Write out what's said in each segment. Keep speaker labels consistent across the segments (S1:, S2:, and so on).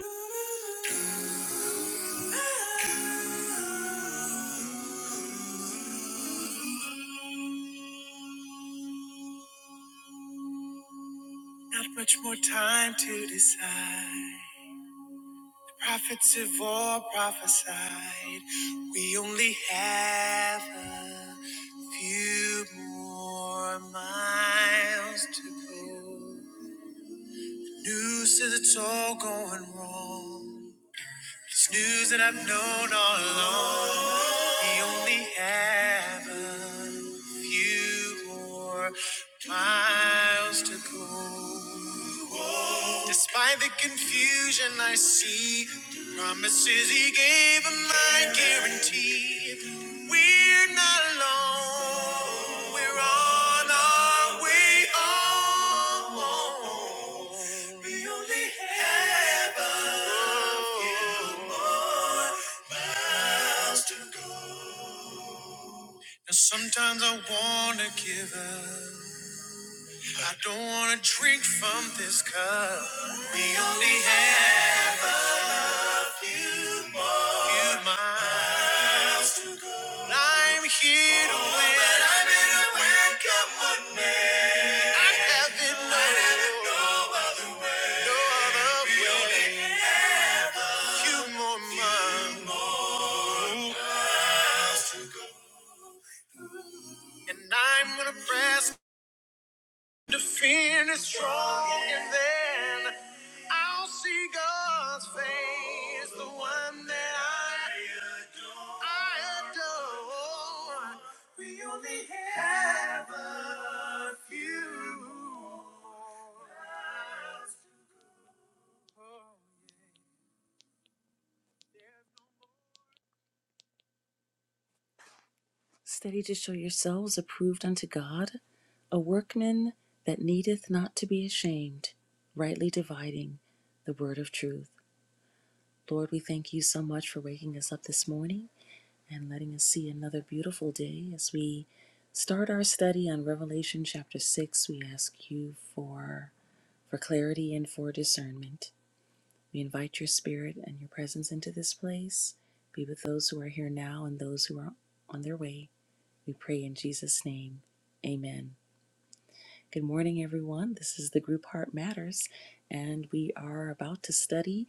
S1: Not much more time to decide. Prophets have all prophesied. We only have a few more miles to go. News says it's all going wrong. It's news that I've known all along. We only have a few more miles to go. Despite the confusion I see, the promises he gave are my guarantee. We're not alone. We're on our way home. We only have a few more miles to go. And sometimes I wanna give up. I don't wanna drink from this cup. We only have a few more few miles to go. And I'm here to oh, win. But I'm here to win. Come on, man. I haven't known. I haven't known. No other way. Few more miles. And I'm gonna press to finish strong, and then I'll see God's face, the one that I, I adore. We only have a few. miles. Study to show yourselves approved unto God, a workman that needeth not to be ashamed, rightly dividing the word of truth. Lord, we thank you so much for waking us up this morning and letting us see another beautiful day as we start our study on Revelation chapter 6. We ask you for for clarity and for discernment. We invite your spirit and your presence into this place. Be with those who are here now and those who are on their way we pray in Jesus' name. Amen. Good morning, everyone. This is the group Heart Matters, and we are about to study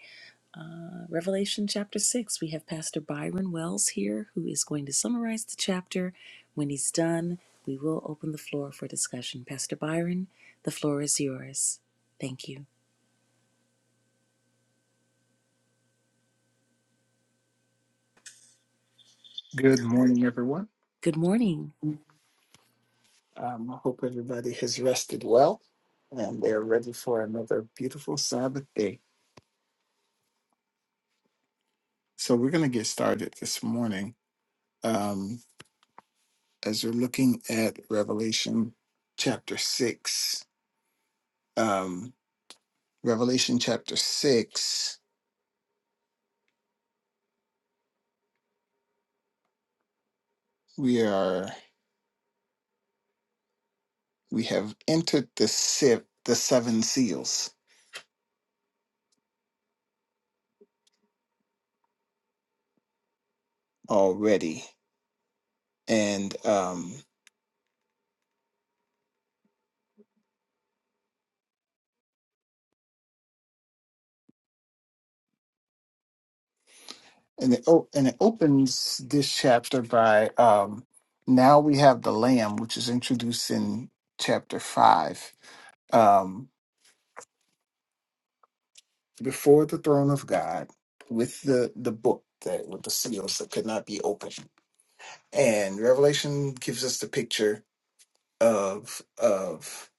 S1: uh, Revelation chapter 6. We have Pastor Byron Wells here who is going to summarize the chapter. When he's done, we will open the floor for discussion. Pastor Byron, the floor is yours. Thank you.
S2: Good morning, everyone.
S1: Good morning.
S2: Um, I hope everybody has rested well and they're ready for another beautiful Sabbath day. So, we're going to get started this morning um, as we're looking at Revelation chapter 6. Um, Revelation chapter 6, we are we have entered the sip, the seven seals already. And um, and it oh, and it opens this chapter by um now we have the lamb which is introduced in chapter 5 um before the throne of god with the the book that with the seals that could not be opened and revelation gives us the picture of of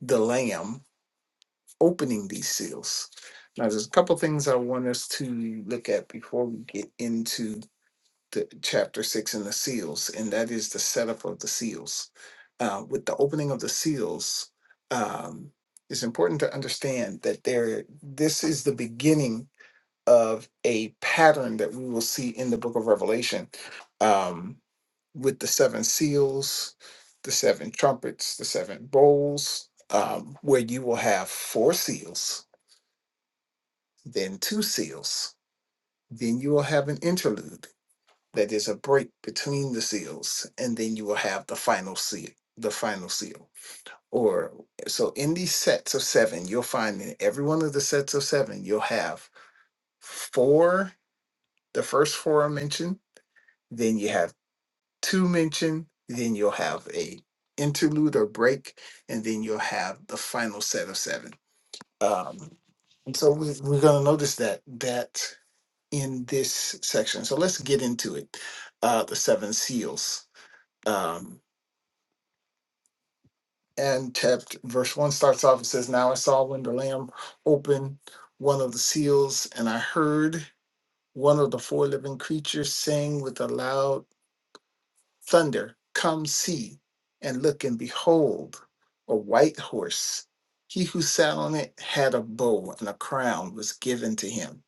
S2: the lamb opening these seals now there's a couple things i want us to look at before we get into the chapter six and the seals, and that is the setup of the seals. Uh, with the opening of the seals, um, it's important to understand that there this is the beginning of a pattern that we will see in the book of Revelation um, with the seven seals, the seven trumpets, the seven bowls, um, where you will have four seals, then two seals, then you will have an interlude that there's a break between the seals, and then you will have the final seal, the final seal. Or so in these sets of seven, you'll find in every one of the sets of seven, you'll have four, the first four are mentioned, then you have two mentioned, then you'll have a interlude or break, and then you'll have the final set of seven. Um, and so we, we're going to notice that that in this section. So let's get into it. Uh, the seven seals. Um, and tapped. Verse 1 starts off, it says, Now I saw when the Lamb opened one of the seals, and I heard one of the four living creatures sing with a loud thunder, 'Come see, and look, and behold, a white horse. He who sat on it had a bow, and a crown was given to him.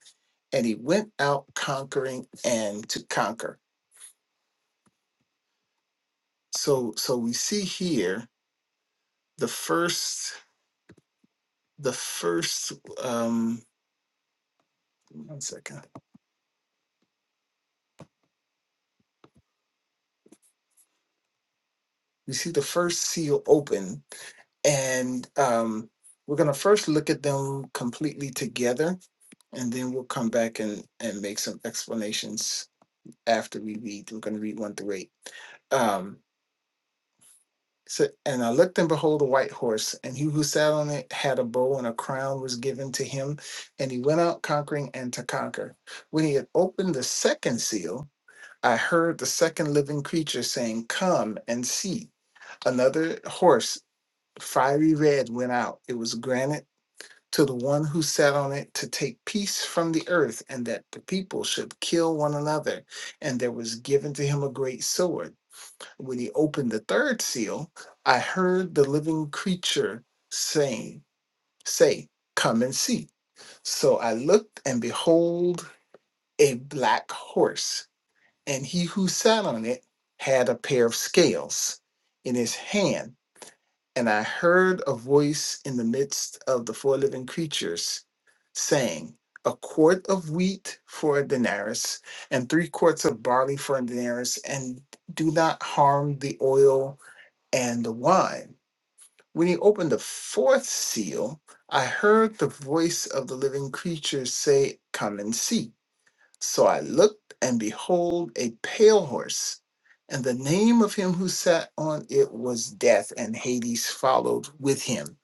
S2: And he went out conquering and to conquer. So, so we see here the first, the first, um, one second you see the first seal open and um, we're going to first look at them completely together and then we'll come back and, and make some explanations after we read we're going to read one through eight um, so, and i looked and behold a white horse and he who sat on it had a bow and a crown was given to him and he went out conquering and to conquer when he had opened the second seal i heard the second living creature saying come and see another horse Fiery red went out. It was granted to the one who sat on it to take peace from the earth, and that the people should kill one another. And there was given to him a great sword. When he opened the third seal, I heard the living creature saying, Say, come and see. So I looked, and behold, a black horse, and he who sat on it had a pair of scales in his hand and I heard a voice in the midst of the four living creatures saying, A quart of wheat for a denarius, and three quarts of barley for a denarius, and do not harm the oil and the wine. When he opened the fourth seal, I heard the voice of the living creatures say, Come and see. So I looked, and behold, a pale horse, and the name of him who sat on it was Death, and Hades followed with him.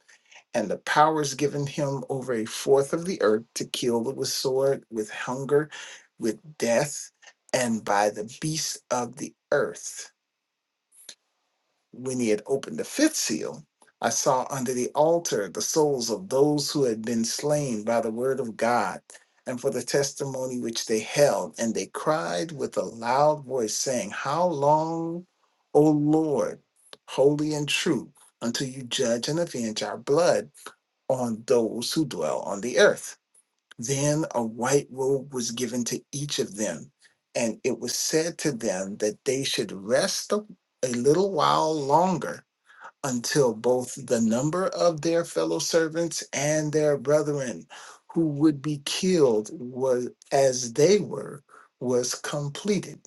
S2: And the powers given him over a fourth of the earth to kill with sword, with hunger, with death, and by the beasts of the earth when he had opened the fifth seal, I saw under the altar the souls of those who had been slain by the word of God and for the testimony which they held. And they cried with a loud voice, saying, How long, O Lord, holy and true, until you judge and avenge our blood on those who dwell on the earth? Then a white robe was given to each of them, and it was said to them that they should rest a a little while longer until both the number of their fellow servants and their brethren who would be killed was as they were was completed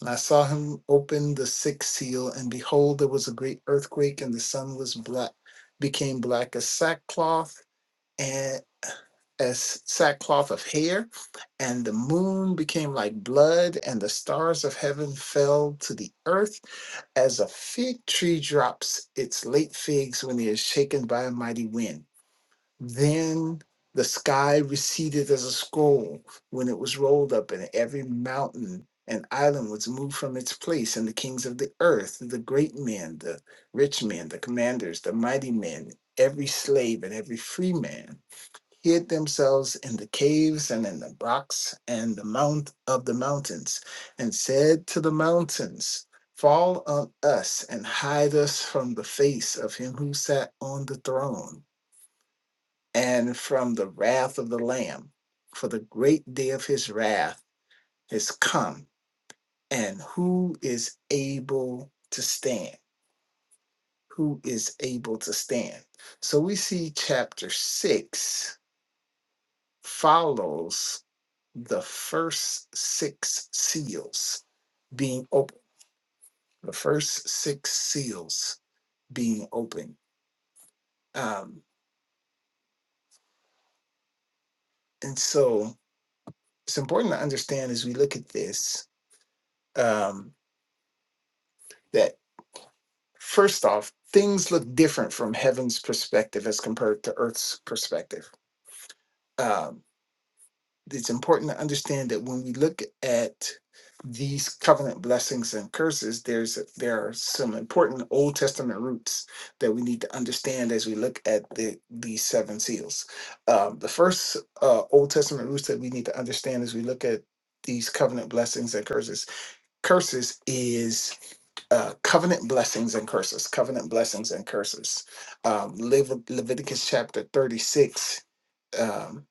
S2: and i saw him open the sixth seal and behold there was a great earthquake and the sun was black became black as sackcloth as sackcloth of hair, and the moon became like blood, and the stars of heaven fell to the earth, as a fig tree drops its late figs when it is shaken by a mighty wind. Then the sky receded as a scroll when it was rolled up, and every mountain and island was moved from its place, and the kings of the earth, the great men, the rich men, the commanders, the mighty men, every slave and every free man hid themselves in the caves and in the rocks and the mount of the mountains, and said to the mountains, Fall on us and hide us from the face of him who sat on the throne, and from the wrath of the Lamb, for the great day of his wrath has come, and who is able to stand? Who is able to stand? So we see chapter six follows the first six seals being open, the first six seals being open. Um, and so it's important to understand as we look at this um, that first off, things look different from heaven's perspective as compared to earth's perspective. Um, it's important to understand that when we look at these covenant blessings and curses, there's there are some important Old Testament roots that we need to understand as we look at the these seven seals. Um, the first uh, Old Testament roots that we need to understand as we look at these covenant blessings and curses. Curses is uh, covenant blessings and curses. Covenant blessings and curses. Um, Lev- Leviticus chapter thirty six um,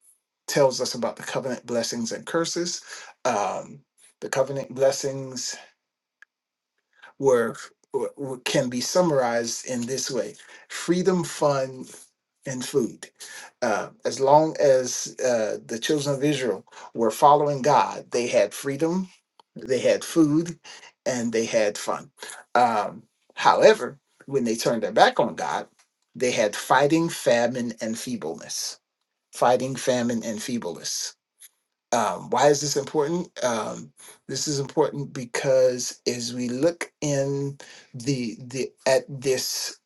S2: tells us about the covenant blessings and curses. Um, the covenant blessings were w- w- can be summarized in this way: freedom, fun, and food. Uh, as long as uh, the children of Israel were following God, they had freedom, they had food, and they had fun. Um, however, when they turned their back on God, they had fighting, famine, and feebleness fighting famine and feebleness. Um, why is this important? Um, this is important because as we look in the the at this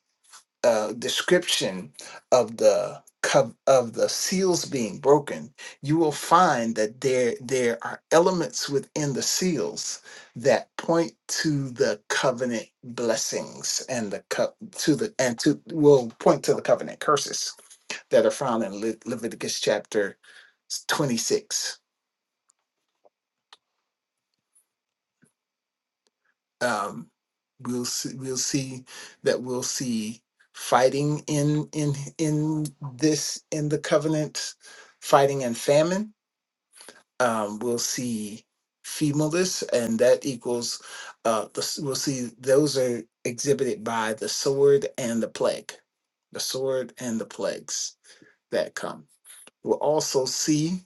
S2: uh, description of the cov- of the seals being broken, you will find that there there are elements within the seals that point to the covenant blessings and the co- to the and to will point to the covenant curses that are found in Le- Leviticus chapter 26. Um, we'll see, we'll see that we'll see fighting in in in this in the covenant, fighting and famine. Um, we'll see femalism, and that equals uh, the, s- we'll see those are exhibited by the sword and the plague, the sword and the plagues that come. We'll also see.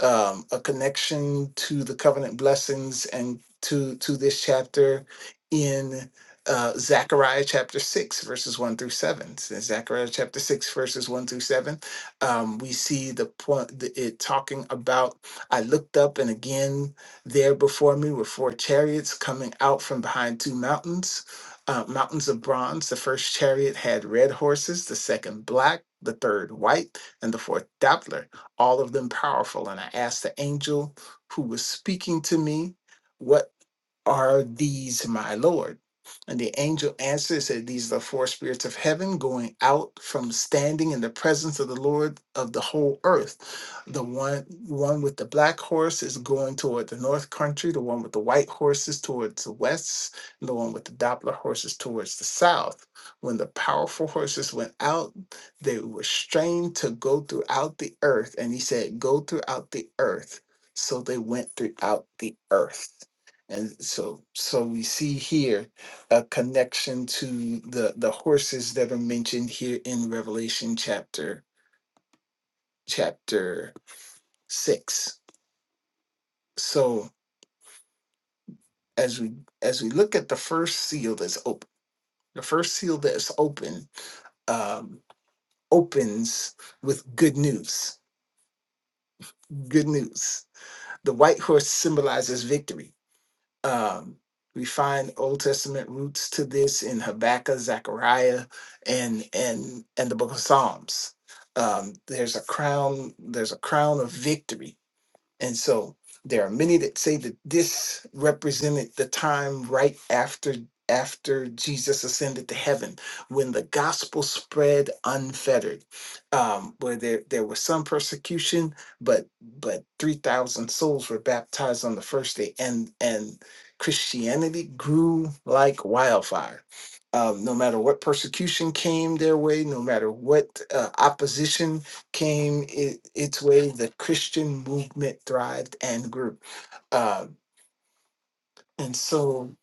S2: um, a connection to the covenant blessings and to to this chapter in uh, Zechariah chapter six verses one through seven. So in Zechariah chapter six verses one through seven, um, we see the point the, it talking about. I looked up, and again there before me were four chariots coming out from behind two mountains. Uh, mountains of bronze. The first chariot had red horses, the second black, the third white, and the fourth dappler all of them powerful. And I asked the angel who was speaking to me what are these my Lord? And the angel answered, said, These are the four spirits of heaven going out from standing in the presence of the Lord of the whole earth. The one one with the black horse is going toward the north country, the one with the white horse is towards the west, and the one with the Doppler horse is towards the south. When the powerful horses went out, they were strained to go throughout the earth. And he said, Go throughout the earth. So they went throughout the earth. And so, so we see here a connection to the the horses that are mentioned here in Revelation chapter chapter six. So as we as we look at the first seal that's open, the first seal that's open um, opens with good news. Good news. The white horse symbolizes victory Um, we find Old Testament roots to this in Habakkuk, Zechariah, and and and the Book of Psalms. Um, there's a crown. There's a crown of victory and so there are many that say that this represented the time right after after Jesus ascended to heaven, when the gospel spread unfettered, um, where there there was some persecution, but but three thousand souls were baptized on the first day, and and Christianity grew like wildfire. Um, no matter what persecution came their way, no matter what uh, opposition came it, its way, the Christian movement thrived and grew. Um, and so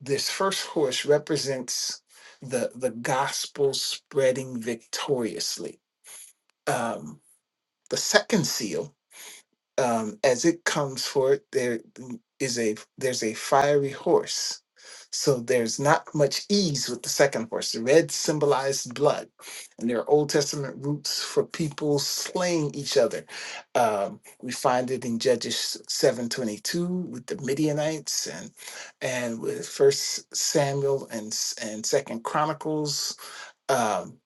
S2: this first horse represents the the gospel spreading victoriously. Um, the second seal um, as it comes forth, there is a there's a fiery horse. So there's not much ease with the second horse. The red symbolized blood, and there are Old Testament roots for people slaying each other. Um, we find it in Judges seven twenty two with the Midianites, and and with First Samuel and s- and Second Chronicles. Um,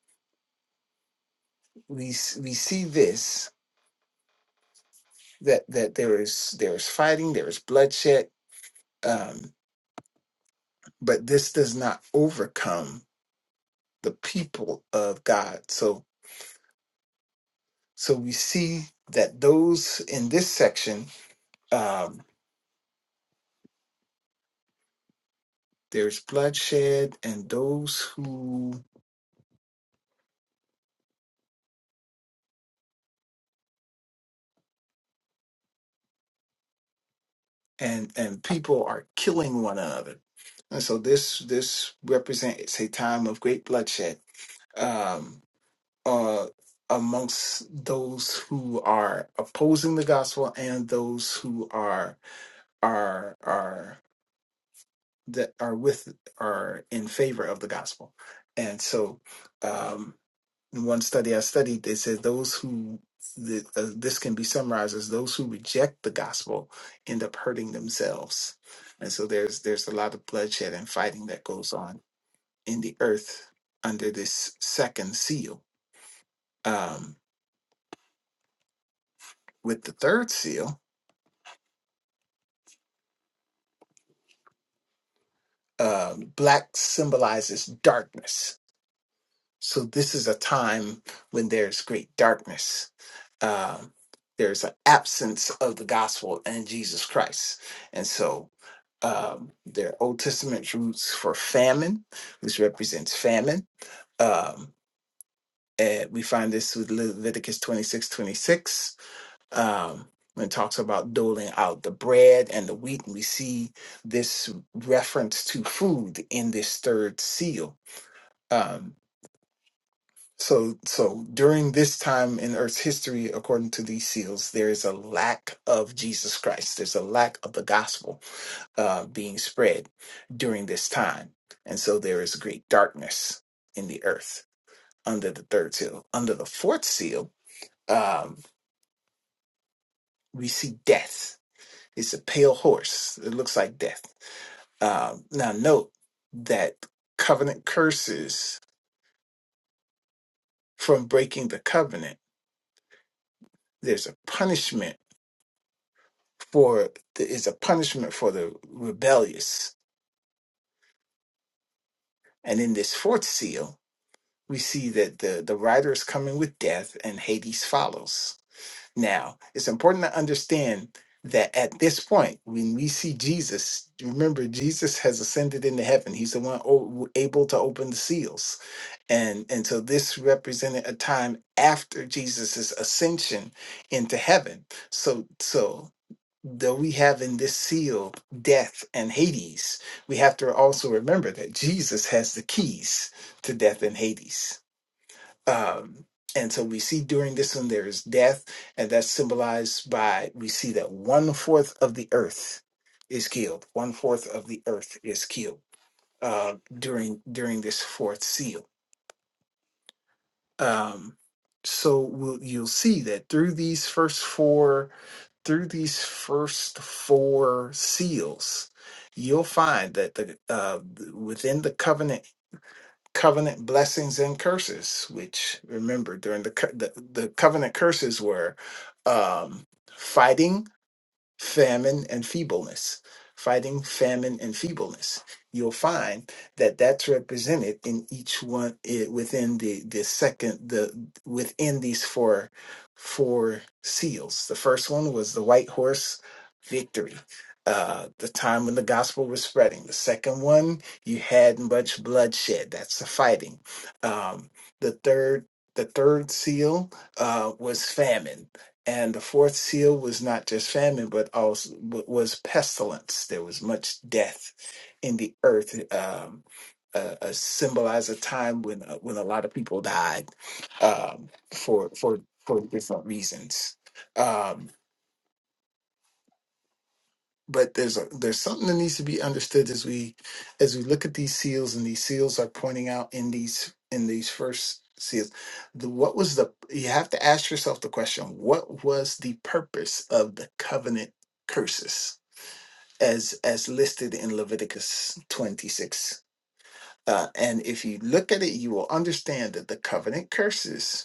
S2: we s- we see this that that there is there is fighting, there is bloodshed um, but this does not overcome the people of God. So, so we see that those in this section, um, there's bloodshed, and those who and and people are killing one another, and so this this represents a time of great bloodshed um, uh, amongst those who are opposing the gospel and those who are are are that are with are in favor of the gospel. And so, um, in one study I studied, they said those who the, uh, this can be summarized as those who reject the gospel end up hurting themselves. And so there's there's a lot of bloodshed and fighting that goes on in the earth under this second seal. Um, with the third seal, um, black symbolizes darkness. So this is a time when there's great darkness um, there's an absence of the gospel and Jesus Christ. And so um, their Old Testament roots for famine, which represents famine. Um, and we find this with Leviticus 26, 26, um, when it talks about doling out the bread and the wheat. And we see this reference to food in this third seal. Um, So, so during this time in Earth's history, according to these seals, there is a lack of Jesus Christ. There's a lack of the gospel uh, being spread during this time, and so there is great darkness in the earth under the third seal. Under the fourth seal, um, we see death. It's a pale horse. It looks like death. Um, now, note that covenant curses from breaking the covenant. There's a punishment for the, is a punishment for the rebellious. And in this fourth seal, we see that the, the rider is coming with death and Hades follows. Now, it's important to understand that at this point, when we see Jesus, remember, Jesus has ascended into heaven. He's the one o- able to open the seals. And, and so this represented a time after Jesus' ascension into heaven. So, so that we have in this seal death and Hades, we have to also remember that Jesus has the keys to death and Hades. Um, and so we see during this one there is death, and that's symbolized by we see that one fourth of the earth is killed. One fourth of the earth is killed uh, during during this fourth seal. Um, so we'll, you'll see that through these first four through these first four seals, you'll find that the uh, within the covenant covenant blessings and curses, which remember during the co- the, the covenant curses were um, fighting famine and feebleness fighting famine and feebleness you'll find that that's represented in each one i- within the the second the within these four four seals the first one was the white horse victory uh the time when the gospel was spreading the second one you had much bloodshed that's the fighting um the third the third seal uh was famine and the fourth seal was not just famine, but also w- was pestilence. There was much death in the earth. Um, uh, uh, symbolized a time when uh, when a lot of people died um, for for for different reasons. Um, but there's a, there's something that needs to be understood as we as we look at these seals and these seals are pointing out in these in these first seals the, what was the you have to ask yourself the question what was the purpose of the covenant curses as as listed in leviticus 26 uh, and if you look at it you will understand that the covenant curses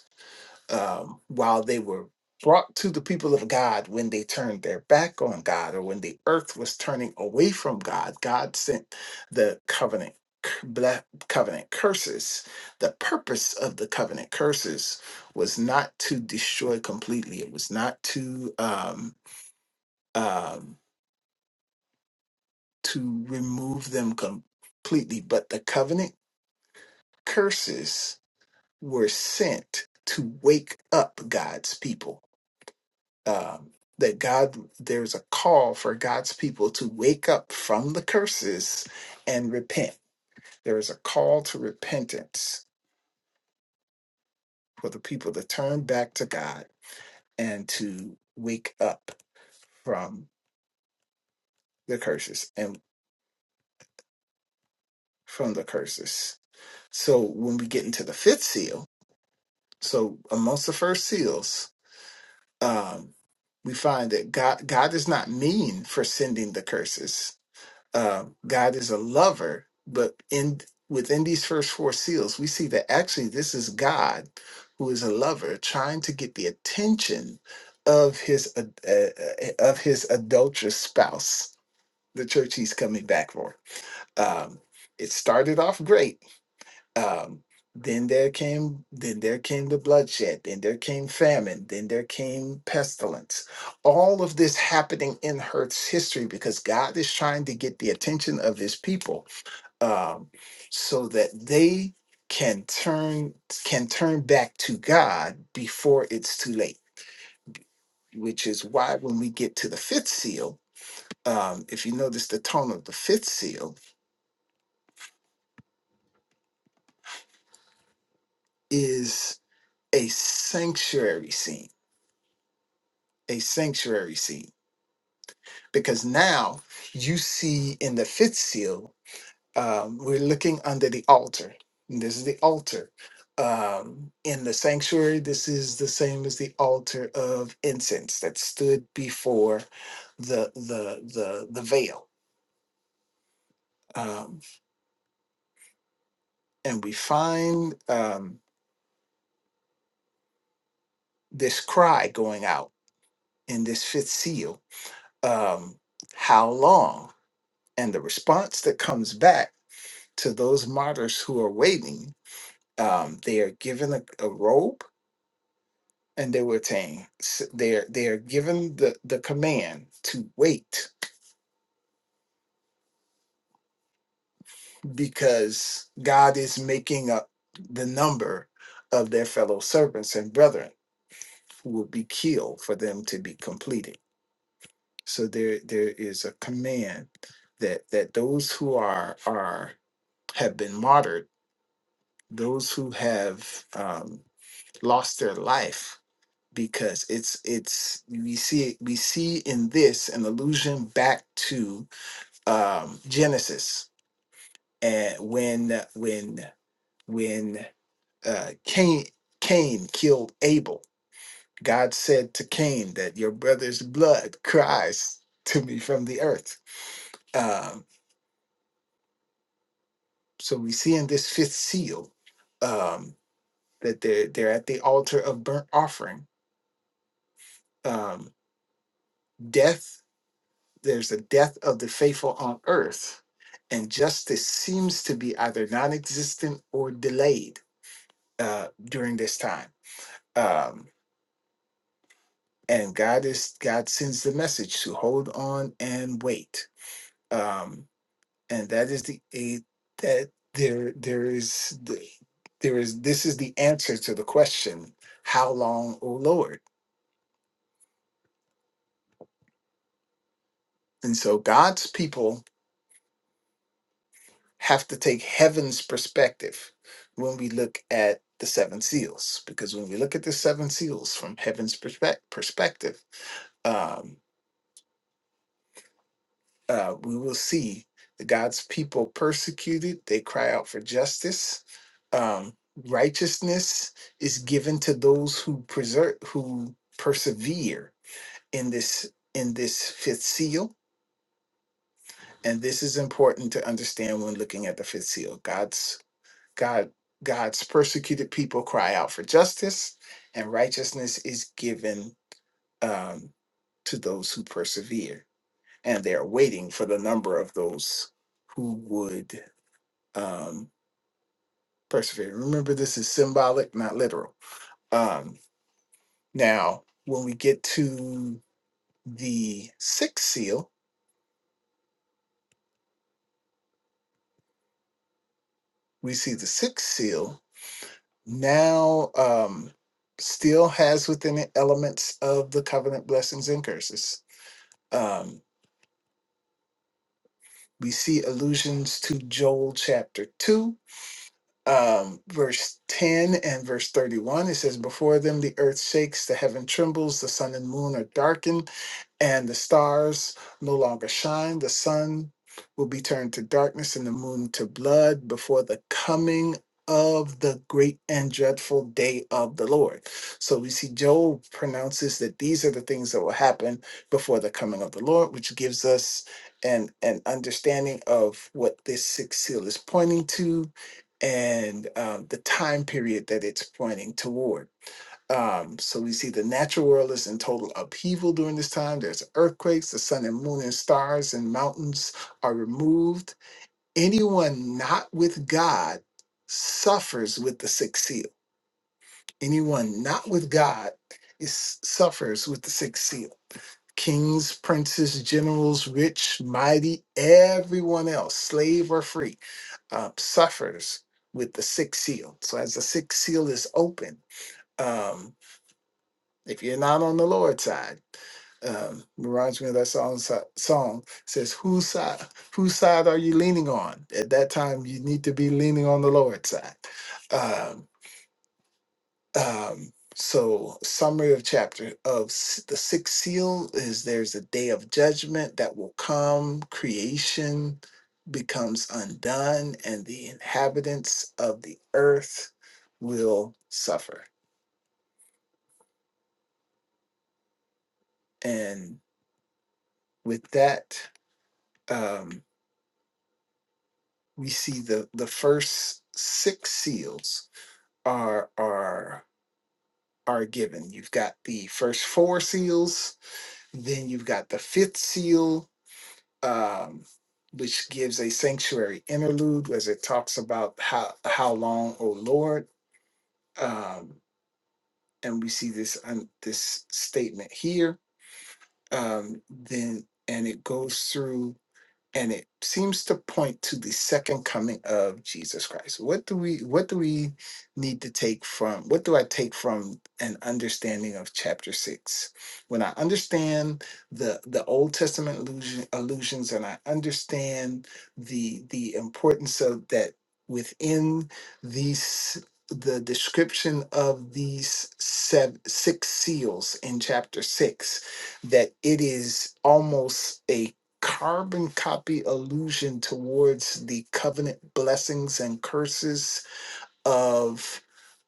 S2: um, while they were brought to the people of God when they turned their back on God or when the earth was turning away from God, God sent the covenant c- ble- covenant curses. The purpose of the covenant curses was not to destroy completely. It was not to um, um, to remove them completely, but the covenant curses were sent to wake up God's people um, that God, there's a call for God's people to wake up from the curses and repent. There is a call to repentance for the people to turn back to God and to wake up from the curses and from the curses. So when we get into the fifth seal, so amongst the first seals, um, we find that God God is not mean for sending the curses um, God is a lover, but in within these first four seals, we see that actually this is God who is a lover trying to get the attention of his ad- uh, uh, of his adulterous spouse, the church he's coming back for. Um, it started off great um, then there came then there came the bloodshed then there came famine then there came pestilence all of this happening in earth's history because god is trying to get the attention of his people um, so that they can turn can turn back to god before it's too late which is why when we get to the fifth seal um, if you notice the tone of the fifth seal is a sanctuary scene a sanctuary scene because now you see in the fifth seal, um, we're looking under the altar. And This is the altar. Um, in the sanctuary, this is the same as the altar of incense that stood before the the the the veil. Um, and we find um, this cry going out in this fifth seal. Um, how long? And the response that comes back to those martyrs who are waiting um, they are given a, a robe and they were saying they're they're given the the command to wait because god is making up the number of their fellow servants and brethren who will be killed for them to be completed so there there is a command that that those who are are have been martyred those who have um, lost their life because it's it's we see it, we see in this an allusion back to um Genesis and when when when uh Cain Cain killed Abel God said to Cain that your brother's blood cries to me from the earth um so we see in this fifth seal um that they're they're at the altar of burnt offering um death there's a death of the faithful on earth, and justice seems to be either non existent or delayed uh, during this time. Um, and God is God sends the message to hold on and wait. Um, and that is the a, that there there is the, there is this is the answer to the question, how long, O Lord? And so God's people have to take heaven's perspective when we look at the seven seals because when we look at the seven seals from heaven's perspe- perspective um, uh, we will see the god's people persecuted they cry out for justice um, righteousness is given to those who preserve who persevere in this in this fifth seal and this is important to understand when looking at the fifth seal god's God God's persecuted people cry out for justice, and righteousness is given um, to those who persevere. And they are waiting for the number of those who would um, persevere. Remember, this is symbolic, not literal. Um, now, when we get to the sixth seal, we see the sixth seal now um, still has within it elements of the covenant blessings and curses. Um, we see allusions to Joel chapter 2, um, verse 10 and verse 31. It says, Before them the earth shakes, the heaven trembles, the sun and moon are darkened and the stars no longer shine. The sun will be turned to darkness and the moon to blood before the coming of the great and dreadful day of the Lord. So we see Job pronounces that these are the things that will happen before the coming of the Lord, which gives us an, an understanding of what this sixth seal is pointing to and um, the time period that it's pointing toward. Um, so we see the natural world is in total upheaval during this time. There's earthquakes, the sun and moon and stars and mountains are removed. Anyone not with God suffers with the sixth seal. Anyone not with God is suffers with the sixth seal. Kings, princes, generals, rich, mighty, everyone else, slave or free, uh, suffers with the sixth seal. So as the sixth seal is open um, if you're not on the Lord's side, um, reminds me of that song. so- Song says, "Whose side? Whose side are you leaning on?" At that time, you need to be leaning on the Lord's side. Um, um, so, summary of chapter of s- the sixth seal is there's a day of judgment that will come. Creation becomes undone, and the inhabitants of the earth will suffer. And with that. Um, we see the the first six seals are are are given. You've got the first four seals, then you've got the fifth seal, um, which gives a sanctuary interlude as it talks about how how long, O Lord, um, and we see this um, this statement here. Um, then and it goes through and it seems to point to the second coming of Jesus Christ. What do we what do we need to take from what do I take from an understanding of chapter 6? When I understand the the Old Testament allusion, allusions and I understand the the importance of that within these the description of these seven, six seals in chapter 6 that it is almost a carbon copy allusion towards the covenant blessings and curses of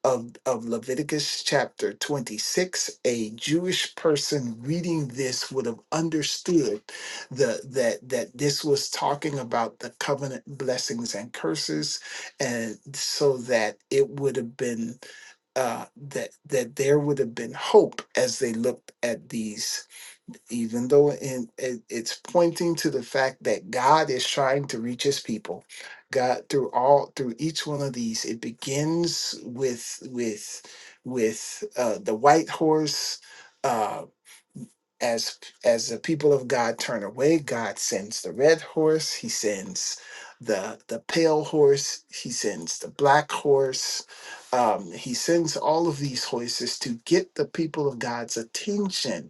S2: of, of Leviticus chapter 26, a Jewish person reading this would have understood the, that, that this was talking about the covenant blessings and curses. And so that it would have been, uh, that, that there would have been hope as they looked at these even though in, it, it's pointing to the fact that God is trying to reach his people God through all through each one of these it begins with with with uh, the white horse uh, as as the people of God turn away God sends the red horse he sends the the pale horse he sends the black horse um, he sends all of these horses to get the people of God's attention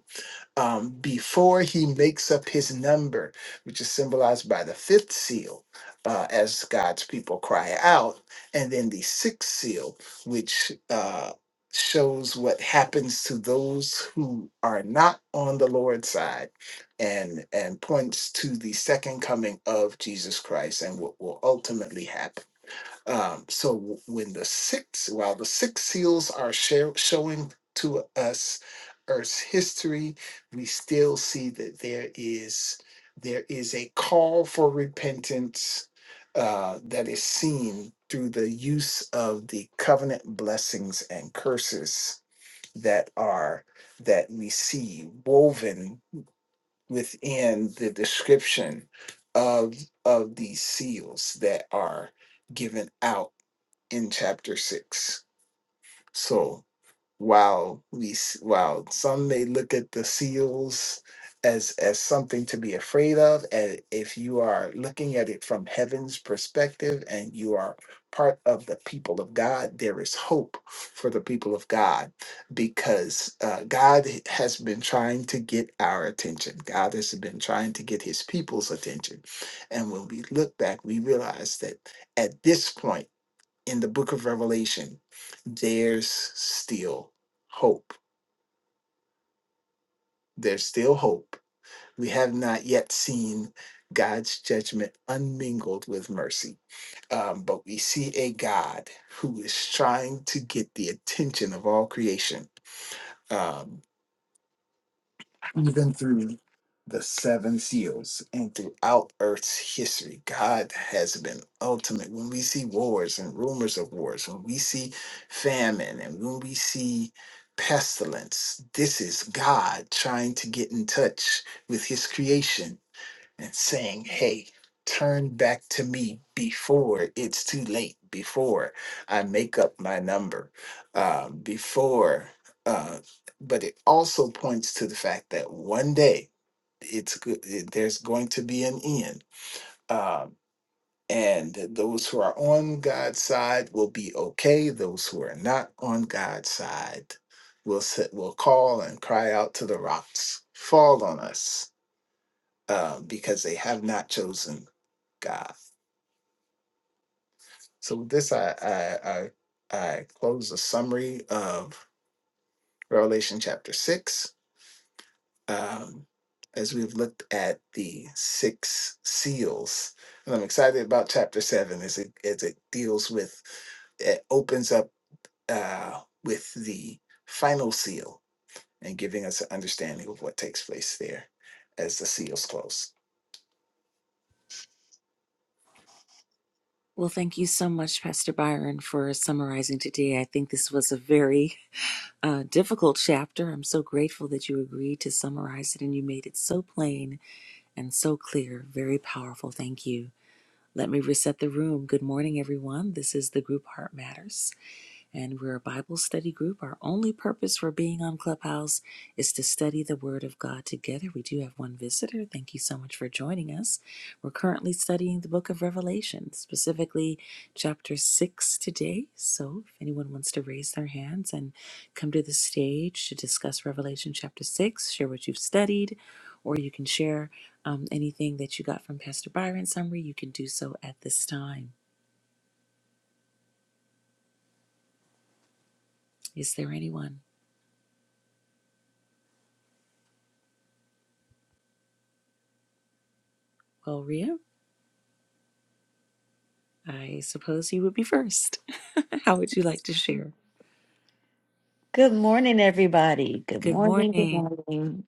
S2: um, before he makes up his number, which is symbolized by the fifth seal, uh, as God's people cry out, and then the sixth seal, which uh, shows what happens to those who are not on the Lord's side, and and points to the second coming of Jesus Christ and what will ultimately happen. Um, so w- when the six, while the six seals are show, showing to us Earth's history, we still see that there is there is a call for repentance uh, that is seen through the use of the covenant blessings and curses that are that we see woven within the description of of these seals that are given out in chapter 6 so while we s- while some may look at the seals as as something to be afraid of and if you are looking at it from heaven's perspective and you are part of the people of god there is hope for the people of god because uh, god has been trying to get our attention god has been trying to get his people's attention and when we look back we realize that at this point in the book of Revelation, there's still hope. There's still hope. We have not yet seen God's judgment unmingled with mercy, um, but we see a God who is trying to get the attention of all creation. Um, even through the seven seals and throughout Earth's history, God has been ultimate. When we see wars and rumors of wars, when we see famine and when we see pestilence, this is God trying to get in touch with his creation and saying, Hey, turn back to me before it's too late, before I make up my number, uh, before. Uh, but it also points to the fact that one day it's go- it, there's going to be an end. Um, and those who are on God's side will be okay. Those who are not on God's side will sit, will call and cry out to the rocks, fall on us um, because they have not chosen God. So with this, I I I, I close the summary of Revelation chapter six. Um, as we've looked at the six seals, and I'm excited about chapter seven as it as it deals with it opens up uh, with the final seal and giving us an understanding of what takes place there as the seals close.
S1: Well, thank you so much, Pastor Byron, for summarizing today. I think this was a very a difficult chapter. I'm so grateful that you agreed to summarize it and you made it so plain and so clear. Very powerful. Thank you. Let me reset the room. Good morning, everyone. This is the group Heart Matters and we're a Bible study group. Our only purpose for being on Clubhouse is to study the Word of God together. We do have one visitor. Thank you so much for joining us. We're currently studying the book of Revelation, specifically chapter 6 today. So if anyone wants to raise their hands and come to the stage to discuss Revelation chapter 6, share what you've studied, or you can share um, anything that you got from Pastor Byron's summary, you can do so at this time. Is there anyone? Well, Ria? I suppose you would be first. How would you like to share?
S3: Good morning, everybody. Good
S1: Good
S3: morning. Good
S1: morning.
S3: morning.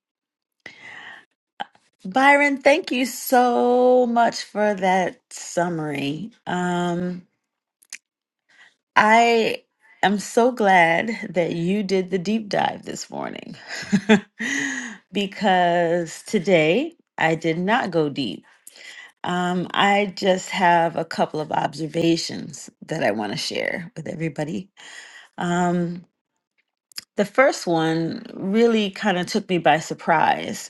S3: Byron, thank you so much for that summary. Um, I am so glad that you did the deep dive this morning because today I did not go deep. Um, I just have a couple of observations that I want to share with everybody. Um, the first one really kind of took me by surprise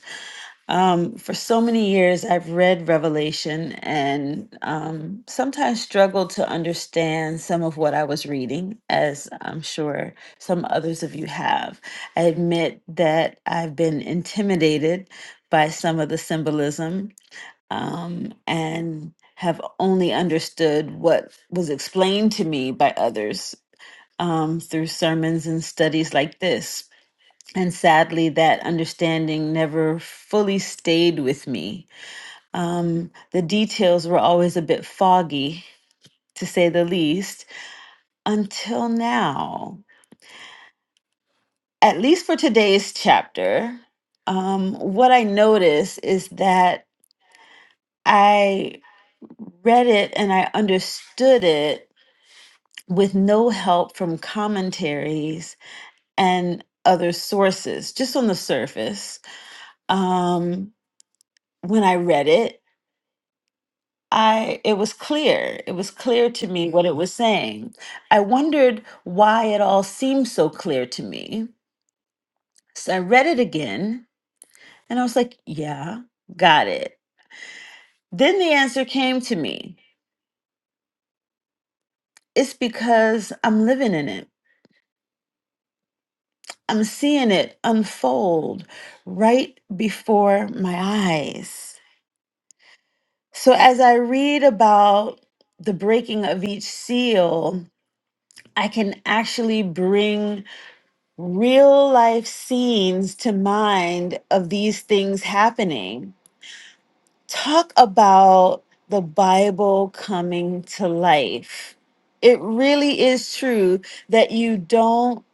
S3: Um, for so many years, I've read Revelation and um, sometimes struggled to understand some of what I was reading, as I'm sure some others of you have. I admit that I've been intimidated by some of the symbolism um, and have only understood what was explained to me by others um, through sermons and studies like this. And sadly, that understanding never fully stayed with me. Um, the details were always a bit foggy, to say the least, until now. At least for today's chapter, um, what I notice is that I read it and I understood it with no help from commentaries and other sources, just on the surface. Um, when I read it, I it was clear. It was clear to me what it was saying. I wondered why it all seemed so clear to me. So I read it again and I was like, yeah, got it. Then the answer came to me. It's because I'm living in it. I'm seeing it unfold right before my eyes. So as I read about the breaking of each seal, I can actually bring real life scenes to mind of these things happening. Talk about the Bible coming to life. It really is true that you don't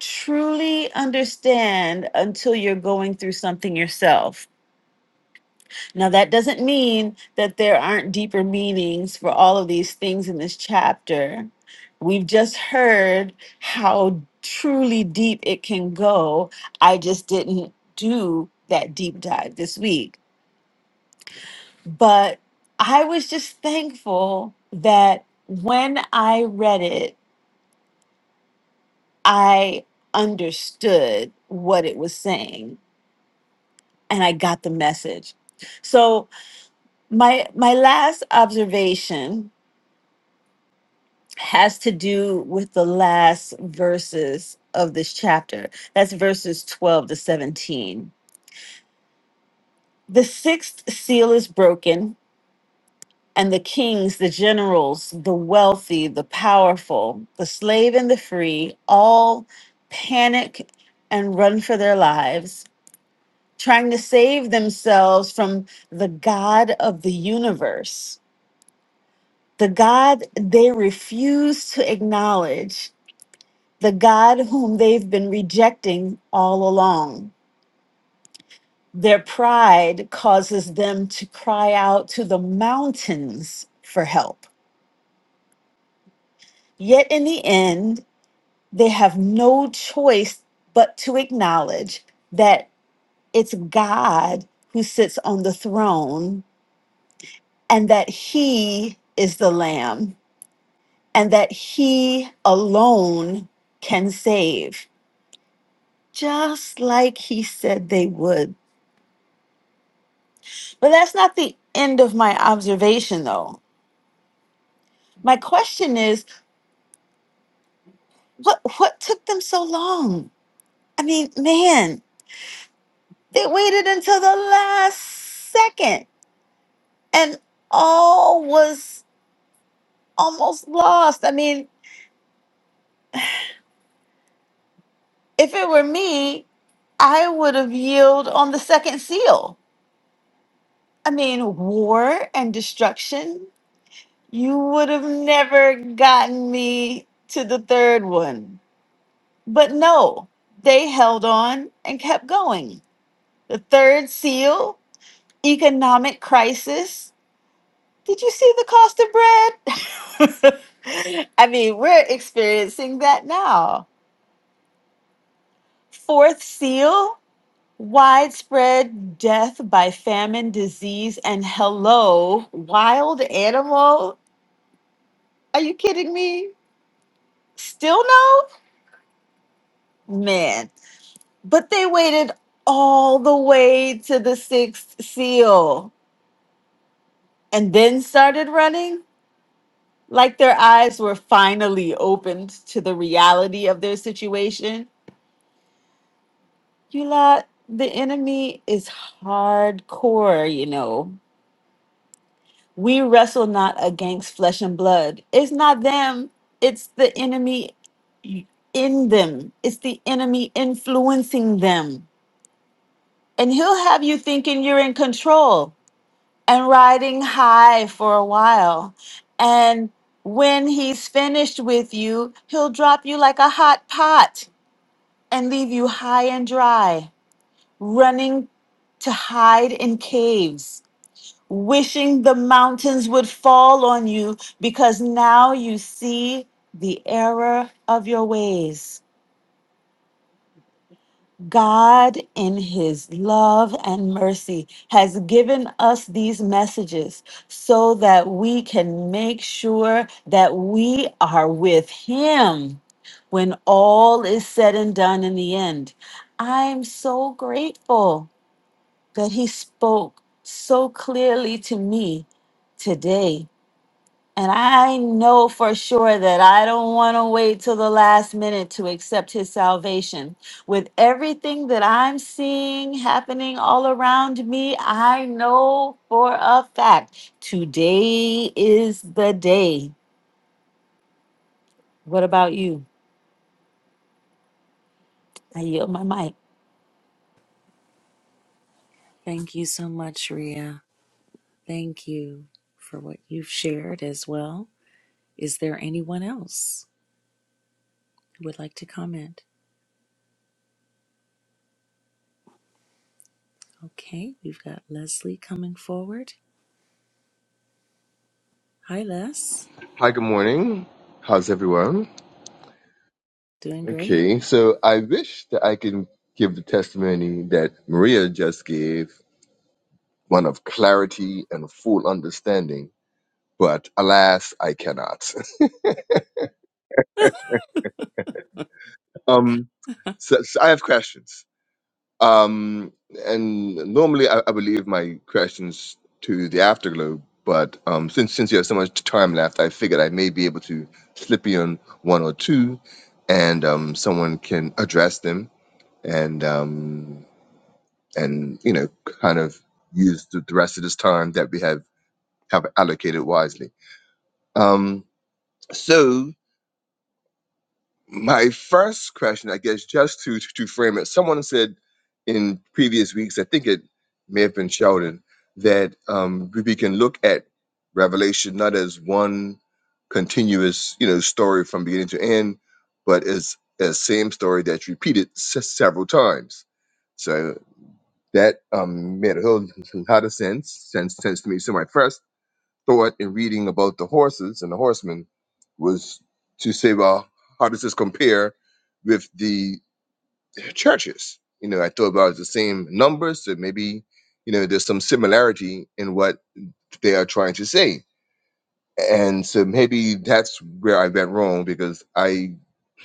S3: truly understand until you're going through something yourself now, that doesn't mean that there aren't deeper meanings for all of these things in this chapter. We've just heard how truly deep it can go. I just didn't do that deep dive this week. But I was just thankful that when I read it, I understood what it was saying and I got the message. So, my my last observation has to do with the last verses of this chapter. That's verses 12 to 17. The sixth seal is broken, and the kings, the generals, the wealthy, the powerful, the slave and the free all panic and run for their lives, trying to save themselves from the God of the universe, the God they refuse to acknowledge the God whom they've been rejecting all along. Their pride causes them to cry out to the mountains for help. Yet in the end, they have no choice but to acknowledge that it's God who sits on the throne and that He is the Lamb and that He alone can save, just like He said they would. But that's not the end of my observation, though. My question is, what what took them so long? I mean, man, they waited until the last second, and all was almost lost. I mean, if it were me, I would have yielded on the second seal. I mean, war and destruction. You would have never gotten me to the third one But no, they held on and kept going. The third seal, economic crisis. Did you see the cost of bread? I mean, we're experiencing that now. Fourth seal, widespread death by famine, disease, and hello, wild animal. Are you kidding me? Still no? Man. But they waited all the way to the sixth seal and then started running, like their eyes were finally opened to the reality of their situation. You lot, the enemy is hardcore, you know. We wrestle not against flesh and blood. It's not them, it's the enemy in them, it's the enemy influencing them. And he'll have you thinking you're in control and riding high for a while. And when he's finished with you, he'll drop you like a hot pot and leave you high and dry, running to hide in caves, wishing the mountains would fall on you because now you see the error of your ways. God, in His love and mercy, has given us these messages so that we can make sure that we are with Him when all is said and done in the end. I'm so grateful that He spoke so clearly to me today and I know for sure that I don't want to wait till the last minute to accept his salvation. With everything that I'm seeing happening all around me, I know for a fact today is the day. What about you? I yield my mic.
S1: Thank you so much, Ria. Thank you for what you've shared as well. Is there anyone else who would like to comment? Okay, we've got Leslie coming forward. Hi, Les.
S4: Hi, good morning. How's everyone?
S1: Doing great.
S4: Okay, so I wish that I can give the testimony that Maria just gave, one of clarity and full understanding, but alas, I cannot. um, so, so I have questions. Um, and normally I, I would leave my questions to the afterglow, but um, since since you have so much time left, I figured I may be able to slip in one or two, and um, someone can address them and um, and you know kind of use the, the rest of this time that we have have allocated wisely. Um, so my first question, I guess, just to to frame it, someone said in previous weeks, I think it may have been Sheldon, that um, we we can look at Revelation not as one continuous you know story from beginning to end, but as a same story that's repeated se- several times. So. that um, made a whole lot of sense, sense sense to me. So my first thought in reading about the horses and the horsemen was to say, well, how does this compare with the churches? You know, I thought about the same numbers, so maybe you know there's some similarity in what they are trying to say, and so maybe that's where I went wrong because I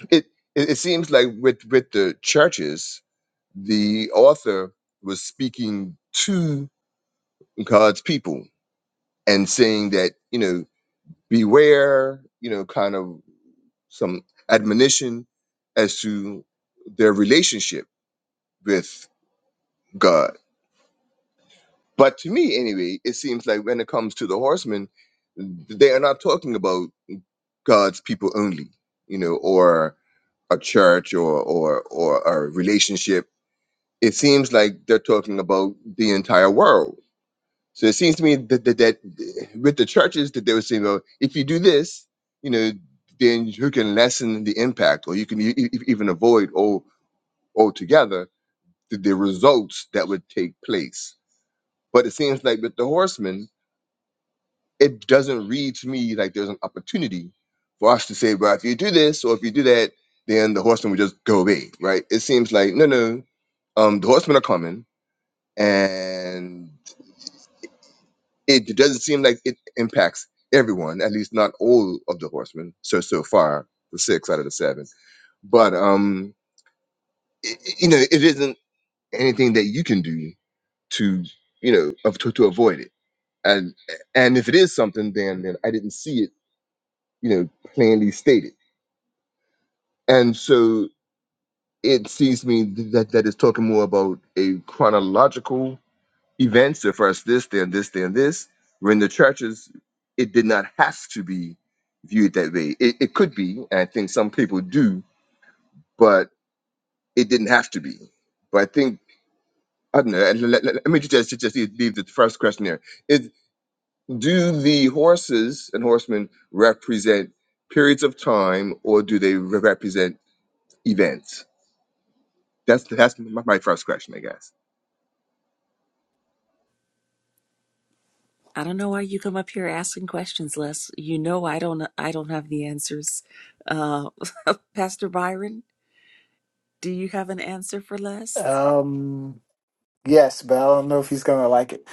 S4: it it, it seems like with with the churches, the author was speaking to. God's people and saying that, you know, beware, you know, kind of some admonition as to their relationship with God. But to me, anyway, it seems like when it comes to the horsemen, they are not talking about God's people only, you know, or a church or or or a relationship. It seems like they're talking about the entire world So it seems to me that that, that with the churches that they were saying, well, if you do this, you know, then you can lessen the impact, or you can e- e- e, even avoid all altogether the, the results that would take place. But it seems like with the horsemen, it doesn't read to me like there's an opportunity for us to say, well, if you do this or if you do that, then the horsemen would just go away, right? It seems like no, no, um, the horsemen are coming, and it doesn't seem like it impacts everyone, at least not all of the horsemen. So so far, the six out of the seven. But um, i i- you know, it isn't anything that you can do to you know of, to to avoid it. And and if it is something, then then I didn't see it, you know, plainly stated. And so it seems to me th- that that is talking more about a chronological events the first this then this then this when the churches it did not have to be viewed that way it, it could be and i think some people do but it didn't have to be but i think i don't know let, let- let- let me just just, just leave the first question there is do the horses and horsemen represent periods of time or do they re- represent events that's that's my my first question i guess
S1: I don't know why you come up here asking questions, Les. You know I don't I don't have the answers. Uh, Pastor Byron, do you have an answer for Les?
S2: Um, yes, but I don't know if he's gonna like it.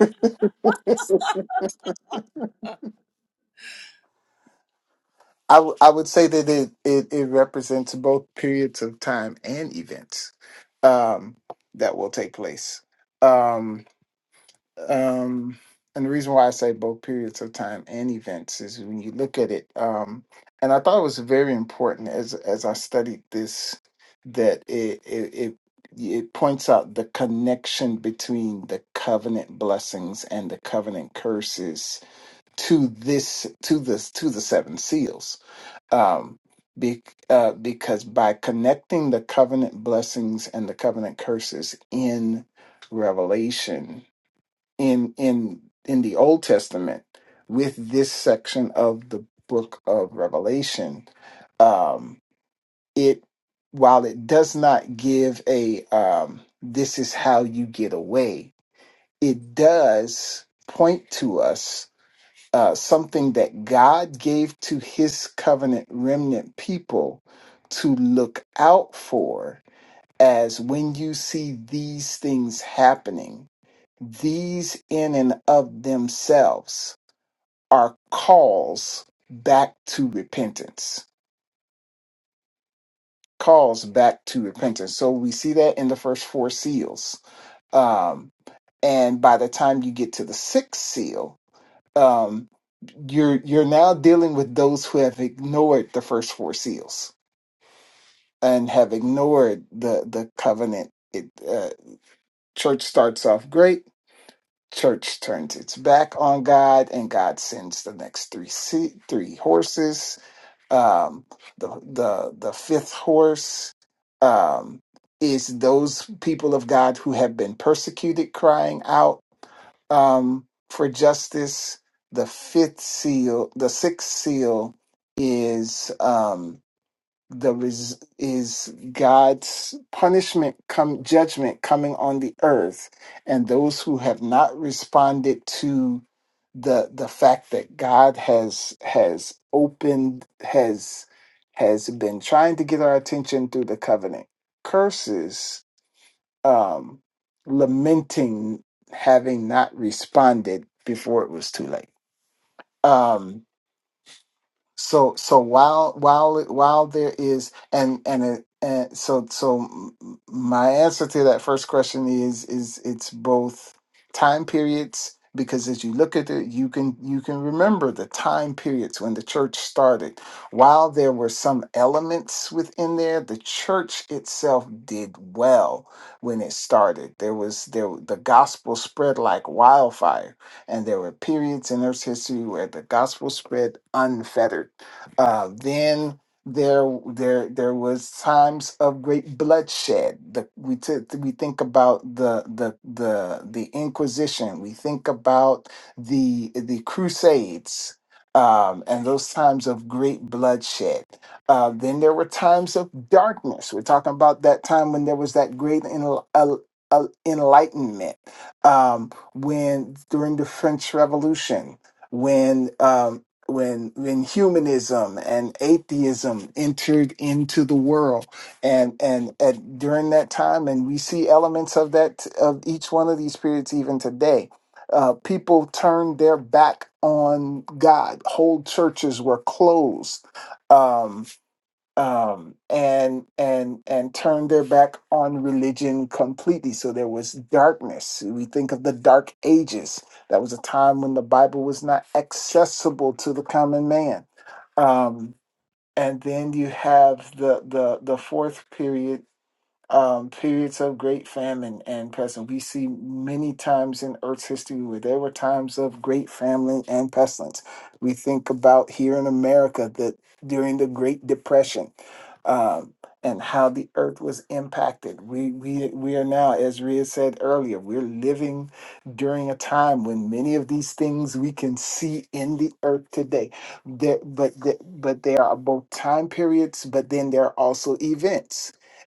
S2: I, w- I would say that it, it, it represents both periods of time and events um, that will take place. Um, um, and the reason why I say both periods of time and events is when you look at it, um, and I thought it was very important as as I studied this that it it, it it points out the connection between the covenant blessings and the covenant curses to this to this to the seven seals um, be, uh, because by connecting the covenant blessings and the covenant curses in Revelation, in in in the Old Testament, with this section of the book of Revelation, um, it while it does not give a um, this is how you get away, it does point to us uh, something that God gave to his covenant remnant people to look out for as when you see these things happening, these in and of themselves are calls back to repentance. Calls back to repentance. So we see that in the first four seals. Um, and by the time you get to the sixth seal, um, you're you're now dealing with those who have ignored the first four seals and have ignored the the covenant. It uh, church starts off great. Church turns its back on God, and God sends the next three se- three horses. Um, the the the fifth horse um, is those people of God who have been persecuted, crying out um, for justice. The fifth seal, the sixth seal, is um, the res- is God's punishment, come judgment coming on the earth, and those who have not responded to the the fact that God has has opened has has been trying to get our attention through the covenant curses um, lamenting having not responded before it was too late. Um, so so while while while there is and and it, and so so m- my answer to that first question is is it's both time periods because as you look at it you can you can remember the time periods when the church started while there were some elements within there the church itself did well when it started there was there the gospel spread like wildfire and there were periods in Earth's history where the gospel spread unfettered. Uh, then there, there, there was times of great bloodshed. The, we t- we think about the the the the Inquisition. We think about the the Crusades. Um, and those times of great bloodshed. Uh, then there were times of darkness. We're talking about that time when there was that great enl- el- el- enlightenment. Um, when during the French Revolution, when um, when when humanism and atheism entered into the world, and and at during that time, and we see elements of that of each one of these periods even today. Uh, people turned their back on God. Whole churches were closed. Um, um, and and and turned their back on religion completely. So there was darkness. We think of the Dark Ages. That was a time when the Bible was not accessible to the common man. Um, and then you have the the the fourth period um, periods of great famine and pestilence. We see many times in Earth's history where there were times of great famine and pestilence. We think about here in America that during the Great Depression um, and how the Earth was impacted. We we we are now, as Ria said earlier, we're living during a time when many of these things we can see in the Earth today. There, but the, but there are both time periods, but then there are also events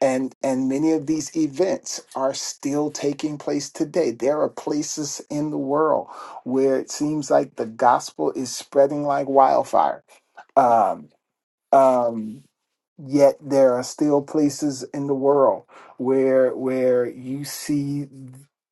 S2: and and many of these events are still taking place today there are places in the world where it seems like the gospel is spreading like wildfire um um, yet there are still places in the world where where you see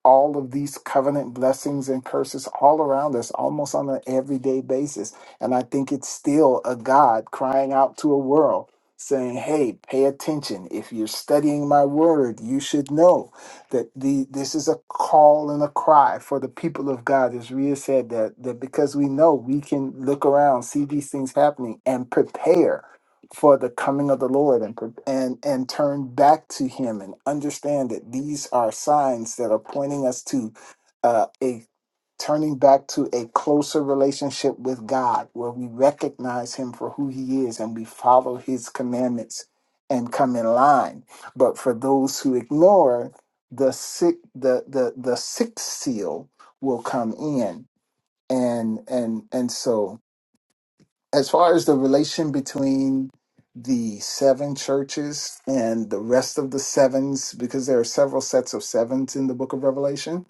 S2: all of these covenant blessings and curses all around us almost on an everyday basis and i think it's still a god crying out to a world saying hey pay attention if you're studying my word you should know that the this is a call and a cry for the people of god as Rhea said that that because we know we can look around see these things happening and prepare for the coming of the Lord and pre- and and turn back to Him and understand that these are signs that are pointing us to uh, a turning back to a closer relationship with God, where we recognize Him for who He is and we follow His commandments and come in line. But for those who ignore the sick, the the the sixth seal will come in, and and and so as far as the relation between the seven churches and the rest of the sevens, because there are several sets of sevens in the book of Revelation,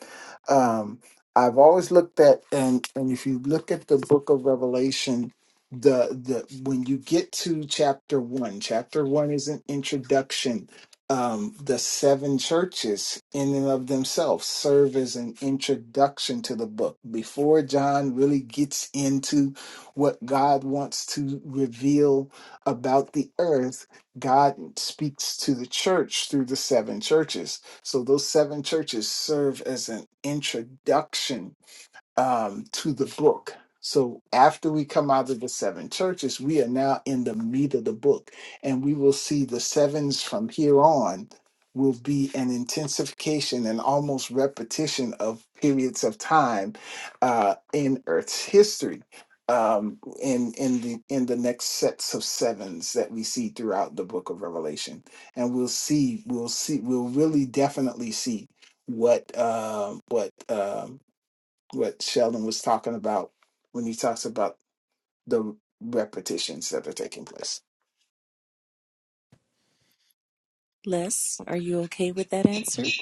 S2: um, I've always looked at and and if you look at the book of Revelation, the the when you get to chapter one, chapter one is an introduction. Um, the seven churches in and of themselves serve as an introduction to the book before John really gets into what God wants to reveal about the earth, God speaks to the church through the seven churches. So those seven churches serve as an introduction um, to the book. So after we come out of the seven churches, we are now in the meat of the book. And we will see the sevens from here on will be an intensification and almost repetition of periods of time uh, in Earth's history. Um, in in the in the next sets of sevens that we see throughout the book of Revelation, and we'll see we'll see we'll really definitely see what um what um what Sheldon was talking about when he talks about the repetitions that are taking place.
S1: Les, are you okay with that answer?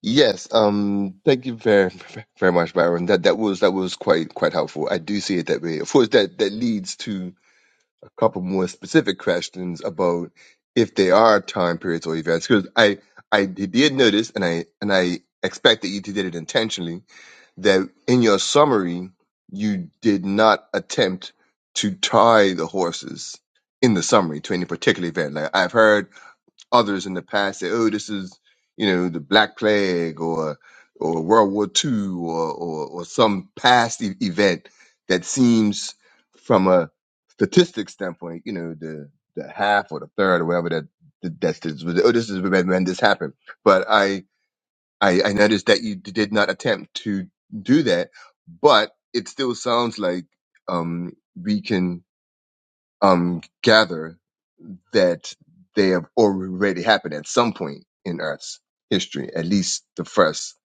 S4: Yes, um, thank you very, very much, Byron. That that was that was quite quite helpful. I do see it that way. Of course, that that leads to a couple more specific questions about if there are time periods or events. Because I I did notice, and I and I expect that you did it intentionally. That in your summary, you did not attempt to tie the horses in the summary to any particular event. Like I've heard others in the past say, "Oh, this is you know the Black Plague or or World War Two or or, or some past e- event that seems from a statistics standpoint, you know, the the half or the third or whatever that that- that's this, oh, this is when, when this happened." But I, I I noticed that you did not attempt to do that, but it still sounds like um we can um gather that they have already happened at some point in Earth's history, at least the first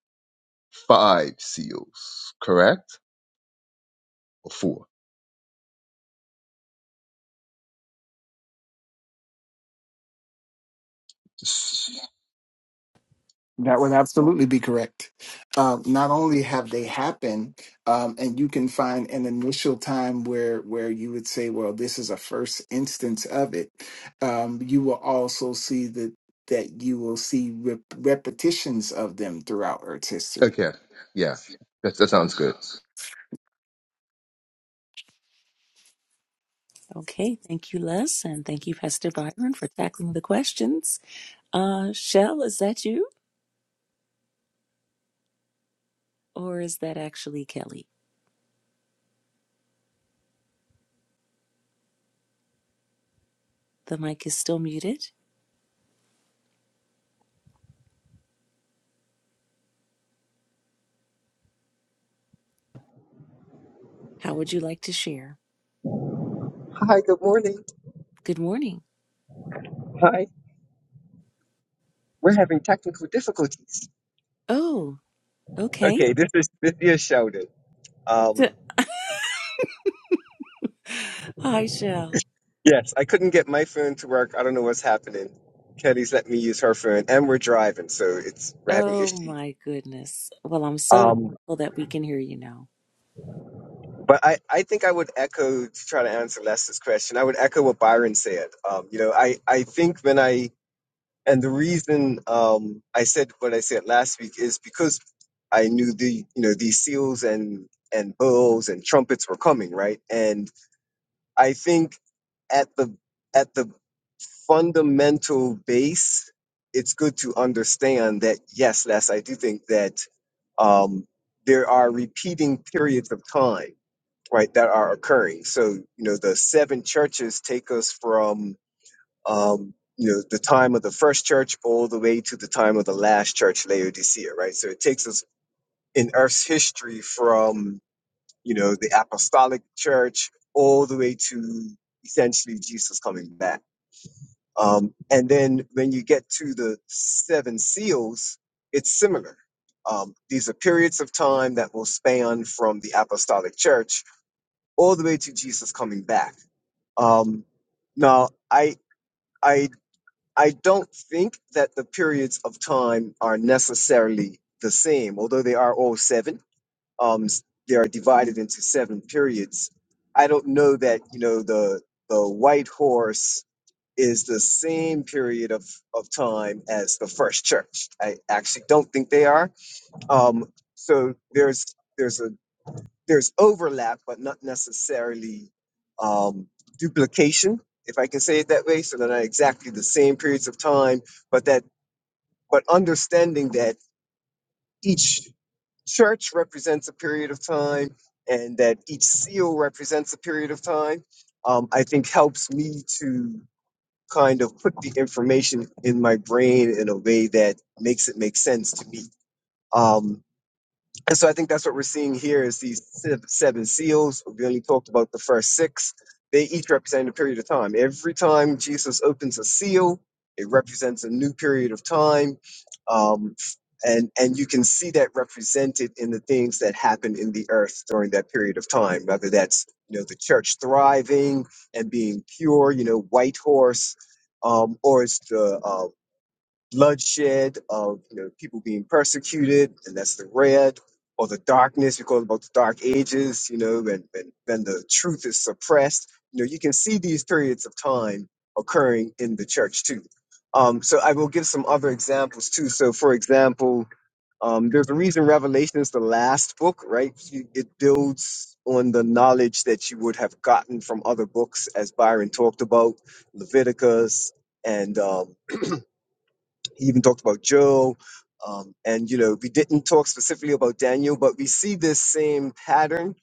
S4: five seals, correct? Or four? S-
S2: That would absolutely be correct. Um, not only have they happened, um, and you can find an initial time where where you would say, "Well, this is a first instance of it." Um, you will also see that that you will see rep- repetitions of them throughout Earth's history
S4: Okay, yeah, that, that sounds good.
S1: Okay, thank you, Les, and thank you, Pastor Byron, for tackling the questions. Uh, Shell, is that you? Or is that actually Kelly? The mic is still muted. How would you like to share?
S5: Hi, good morning.
S1: Good morning.
S5: Hi, we're having technical difficulties.
S1: Oh, okay.
S5: Okay, this is this is shouted.
S1: So-
S5: Um,
S1: Hi, Shell.
S5: yes, I couldn't get my phone to work. I don't know what's happening. Kelly's let me use her phone, and we're driving, so it's we're having
S1: Oh,
S5: issues.
S1: my goodness. Well, I'm so
S5: Um,
S1: thankful that we can hear you now.
S5: but I I think I would echo to try to answer Lester's question. I would echo what Byron said. Um, you know, I I think when I and the reason um I said what I said last week is because I knew the you know these seals and and bulls and trumpets were coming, right? And I think at the at the fundamental base, it's good to understand that yes, Les, I do think that um, there are repeating periods of time, right, that are occurring. So you know, the seven churches take us from um, you know the time of the first church all the way to the time of the last church, Laodicea, right? So it takes us in Earth's history from you know, the apostolic church, all the way to essentially Jesus coming back. Um, and then when you get to the seven seals, it's similar. Um, these are periods of time that will span from the apostolic church all the way to Jesus coming back. Um, now, I, I, I don't think that the periods of time are necessarily the same, although they are all seven um, they are divided into seven periods. I don't know that you know the the white horse is the same period of, of time as the first church. I actually don't think they are. Um, so there's there's a there's overlap, but not necessarily um, duplication, if I can say it that way. So they're not exactly the same periods of time, but that but understanding that each church represents a period of time and that each seal represents a period of time, um, I think helps me to kind of put the information in my brain in a way that makes it make sense to me. Um, and so I think that's what we're seeing here is these se- seven seals. We only talked about the first six. They each represent a period of time. Every time Jesus opens a seal, it represents a new period of time. Um, and, and you can see that represented in the things that happen in the earth during that period of time, whether that's, you know, the church thriving and being pure, you know, white horse, um, or it's the um, bloodshed of you know, people being persecuted, and that's the red or the darkness. We call it about the dark ages, you know, and, and then the truth is suppressed. You know, you can see these periods of time occurring in the church too. Um, so I will give some other examples too. So, for example, um, there's a reason Revelation is the last book, right? You- It builds on the knowledge that you would have gotten from other books, as Byron talked about, Leviticus, and um, he even talked about Joe. Um, and, you know, we didn't talk specifically about Daniel, but we see this same pattern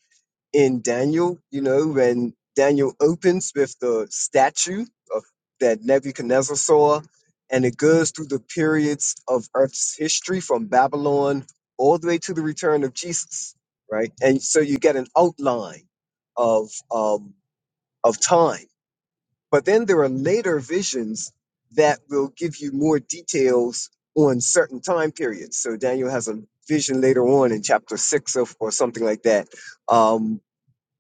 S5: in Daniel, you know, when Daniel opens with the statue of, that Nebuchadnezzar saw, and it goes through the periods of Earth's history from Babylon all the way to the return of Jesus, right? And so you get an outline of, um, of time but then there are later visions that will give you more details on certain time periods. So Daniel has a vision later on in chapter six of, or something like that um,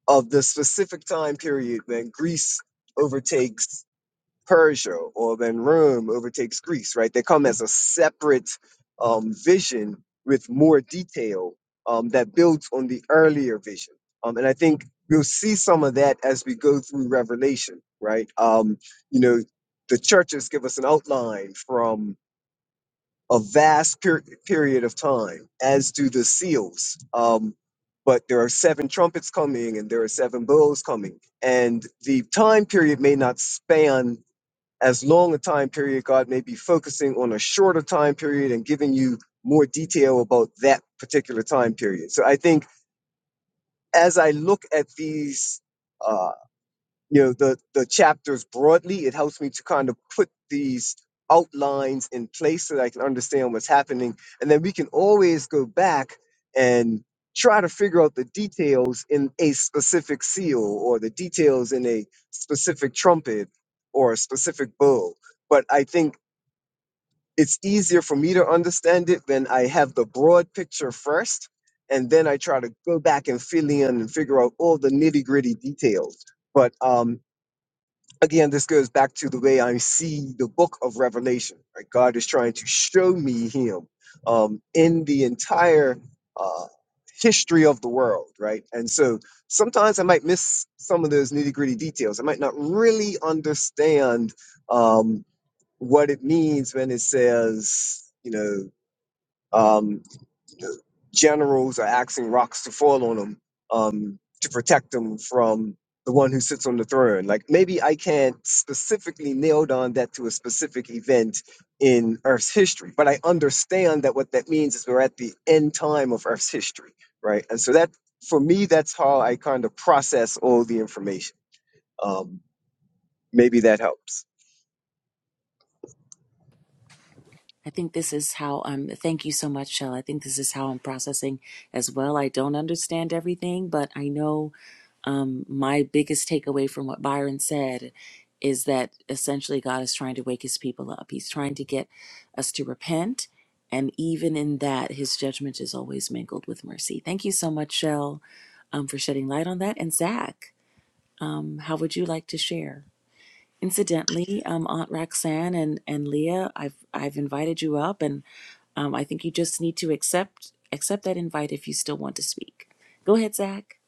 S5: of the specific time period when Greece overtakes. Persia or then Rome overtakes Greece, right? They come as a separate um, vision with more detail um, that builds on the earlier vision. Um, and I think we'll see some of that as we go through Revelation, right? Um, you know, the churches give us an outline from a vast per- period of time, as do the seals. Um, but there are seven trumpets coming and there are seven bowls coming. And the time period may not span as long a time period, God may be focusing on a shorter time period and giving you more detail about that particular time period. So I think as I look at these, uh, you know, the, the chapters broadly, it helps me to kind of put these outlines in place so that I can understand what's happening. And then we can always go back and try to figure out the details in a specific seal or the details in a specific trumpet or a specific bow but I think it's easier for me to understand it when I have the broad picture first, and then I try to go back and fill in and figure out all the nitty gritty details. But um, again, this goes back to the way I see the book of Revelation. Right? God is trying to show me Him um, in the entire uh, history of the world, right? And so sometimes I might miss some of those nitty gritty details. I might not really understand. Um, what it means when it says, you know, um, generals are asking rocks to fall on them um, to protect them from the one who sits on the throne. Like maybe I can't specifically nail down that to a specific event in Earth's history, but I understand that what that means is we're at the end time of Earth's history, right? And so that, for me, that's how I kind of process all the information. Um, Maybe that helps.
S1: I think this is how I'm. Thank you so much, Shell. I think this is how I'm processing as well. I don't understand everything, but I know um, my biggest takeaway from what Byron said is that essentially God is trying to wake his people up. He's trying to get us to repent. And even in that, his judgment is always mingled with mercy. Thank you so much, Shell, um, for shedding light on that. And Zach, um, how would you like to share? Incidentally, um, Aunt Roxanne and, and Leah, I've I've invited you up, and um, I think you just need to accept accept that invite if you still want to speak. Go ahead, Zach.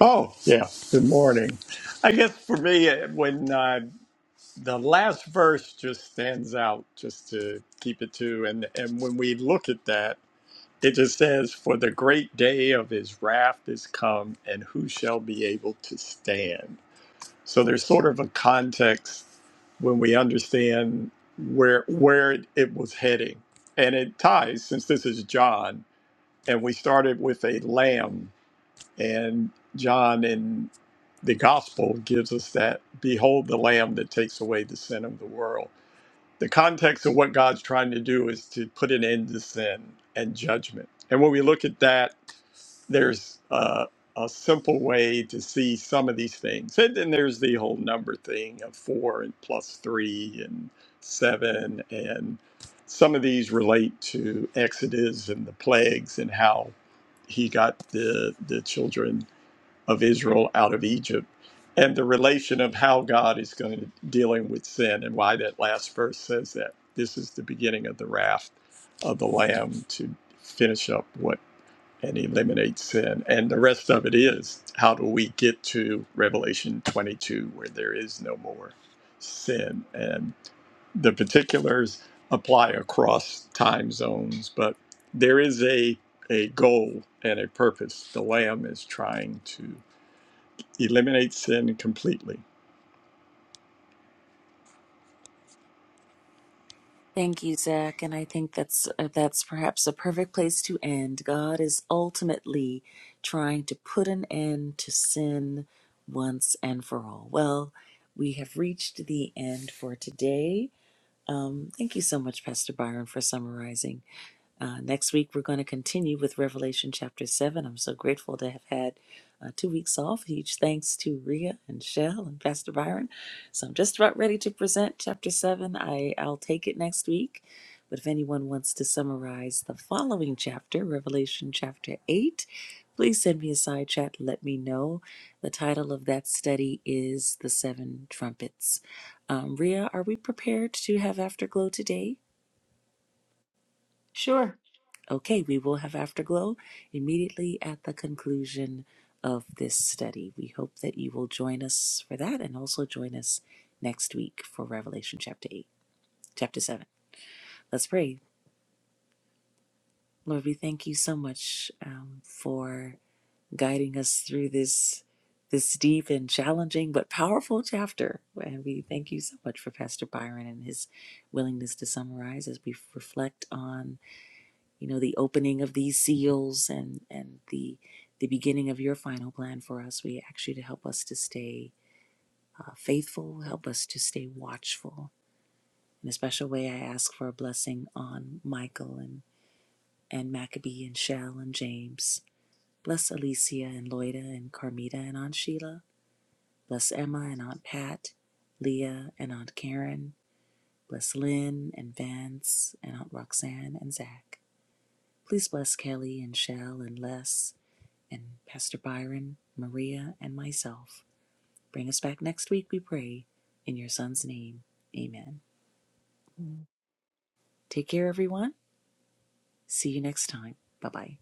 S6: Oh, yeah. Good morning. I guess for me, uh, when uh, the last verse just stands out, just to keep it to, and, and when we look at that, it just says, For the great day of his wrath is come, and who shall be able to stand? So there's sort of a context when we understand where where it, it was heading. And it ties, since this is John, and we started with a lamb and John in the gospel gives us that behold the lamb that takes away the sin of the world. The context of what God's trying to do is to put an end to sin and judgment. And when we look at that, there's uh, a simple way to see some of these things. And then there's the whole number thing of four and plus three and seven. And some of these relate to Exodus and the plagues and how he got the, the children of Israel out of Egypt and the relation of how God is going to dealing with sin and why that last verse says that this is the beginning of the wrath of the lamb to finish up what and eliminate sin and the rest of it is how do we get to revelation 22 where there is no more sin and the particulars apply across time zones, but there is a a goal and a purpose. The Lamb is trying to eliminate sin completely.
S1: Thank you, Zach, and I think that's uh, that's perhaps a perfect place to end. God is ultimately trying to put an end to sin once and for all. Well, we have reached the end for today. Um, thank you so much, Pastor Byron, for summarizing. Uh, next week, we're going to continue with Revelation chapter 7. I'm so grateful to have had uh, two weeks off. Huge thanks to Rhea and Shell and Pastor Byron. So I'm just about ready to present chapter 7. I, I'll take it next week. But if anyone wants to summarize the following chapter, Revelation chapter 8, please send me a side chat. Let me know. The title of that study is The Seven Trumpets. Um, Rhea, are we prepared to have Afterglow today?
S3: Sure.
S1: Okay, we will have Afterglow immediately at the conclusion of this study. We hope that you will join us for that and also join us next week for Revelation chapter 8, chapter 7. Let's pray. Lord, we thank you so much um, for guiding us through this this deep and challenging but powerful chapter. And we thank you so much for Pastor Byron and his willingness to summarize as we reflect on you know, the opening of these seals and and the the beginning of your final plan for us. We ask you to help us to stay uh, faithful, help us to stay watchful. In a special way, I ask for a blessing on Michael and and Maccabee and Shell and James. Bless Alicia and Loida and Carmita and Aunt Sheila. Bless Emma and Aunt Pat, Leah and Aunt Karen. Bless Lynn and Vance and Aunt Roxanne and Zach. Please bless Kelly and Shell and Les and Pastor Byron, Maria, and myself. Bring us back next week, we pray, in your Son's name. Amen. Take care, everyone. See you next time. Bye bye.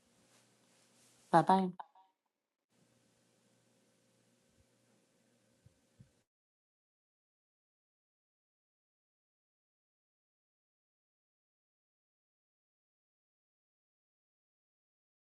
S3: Bye bye.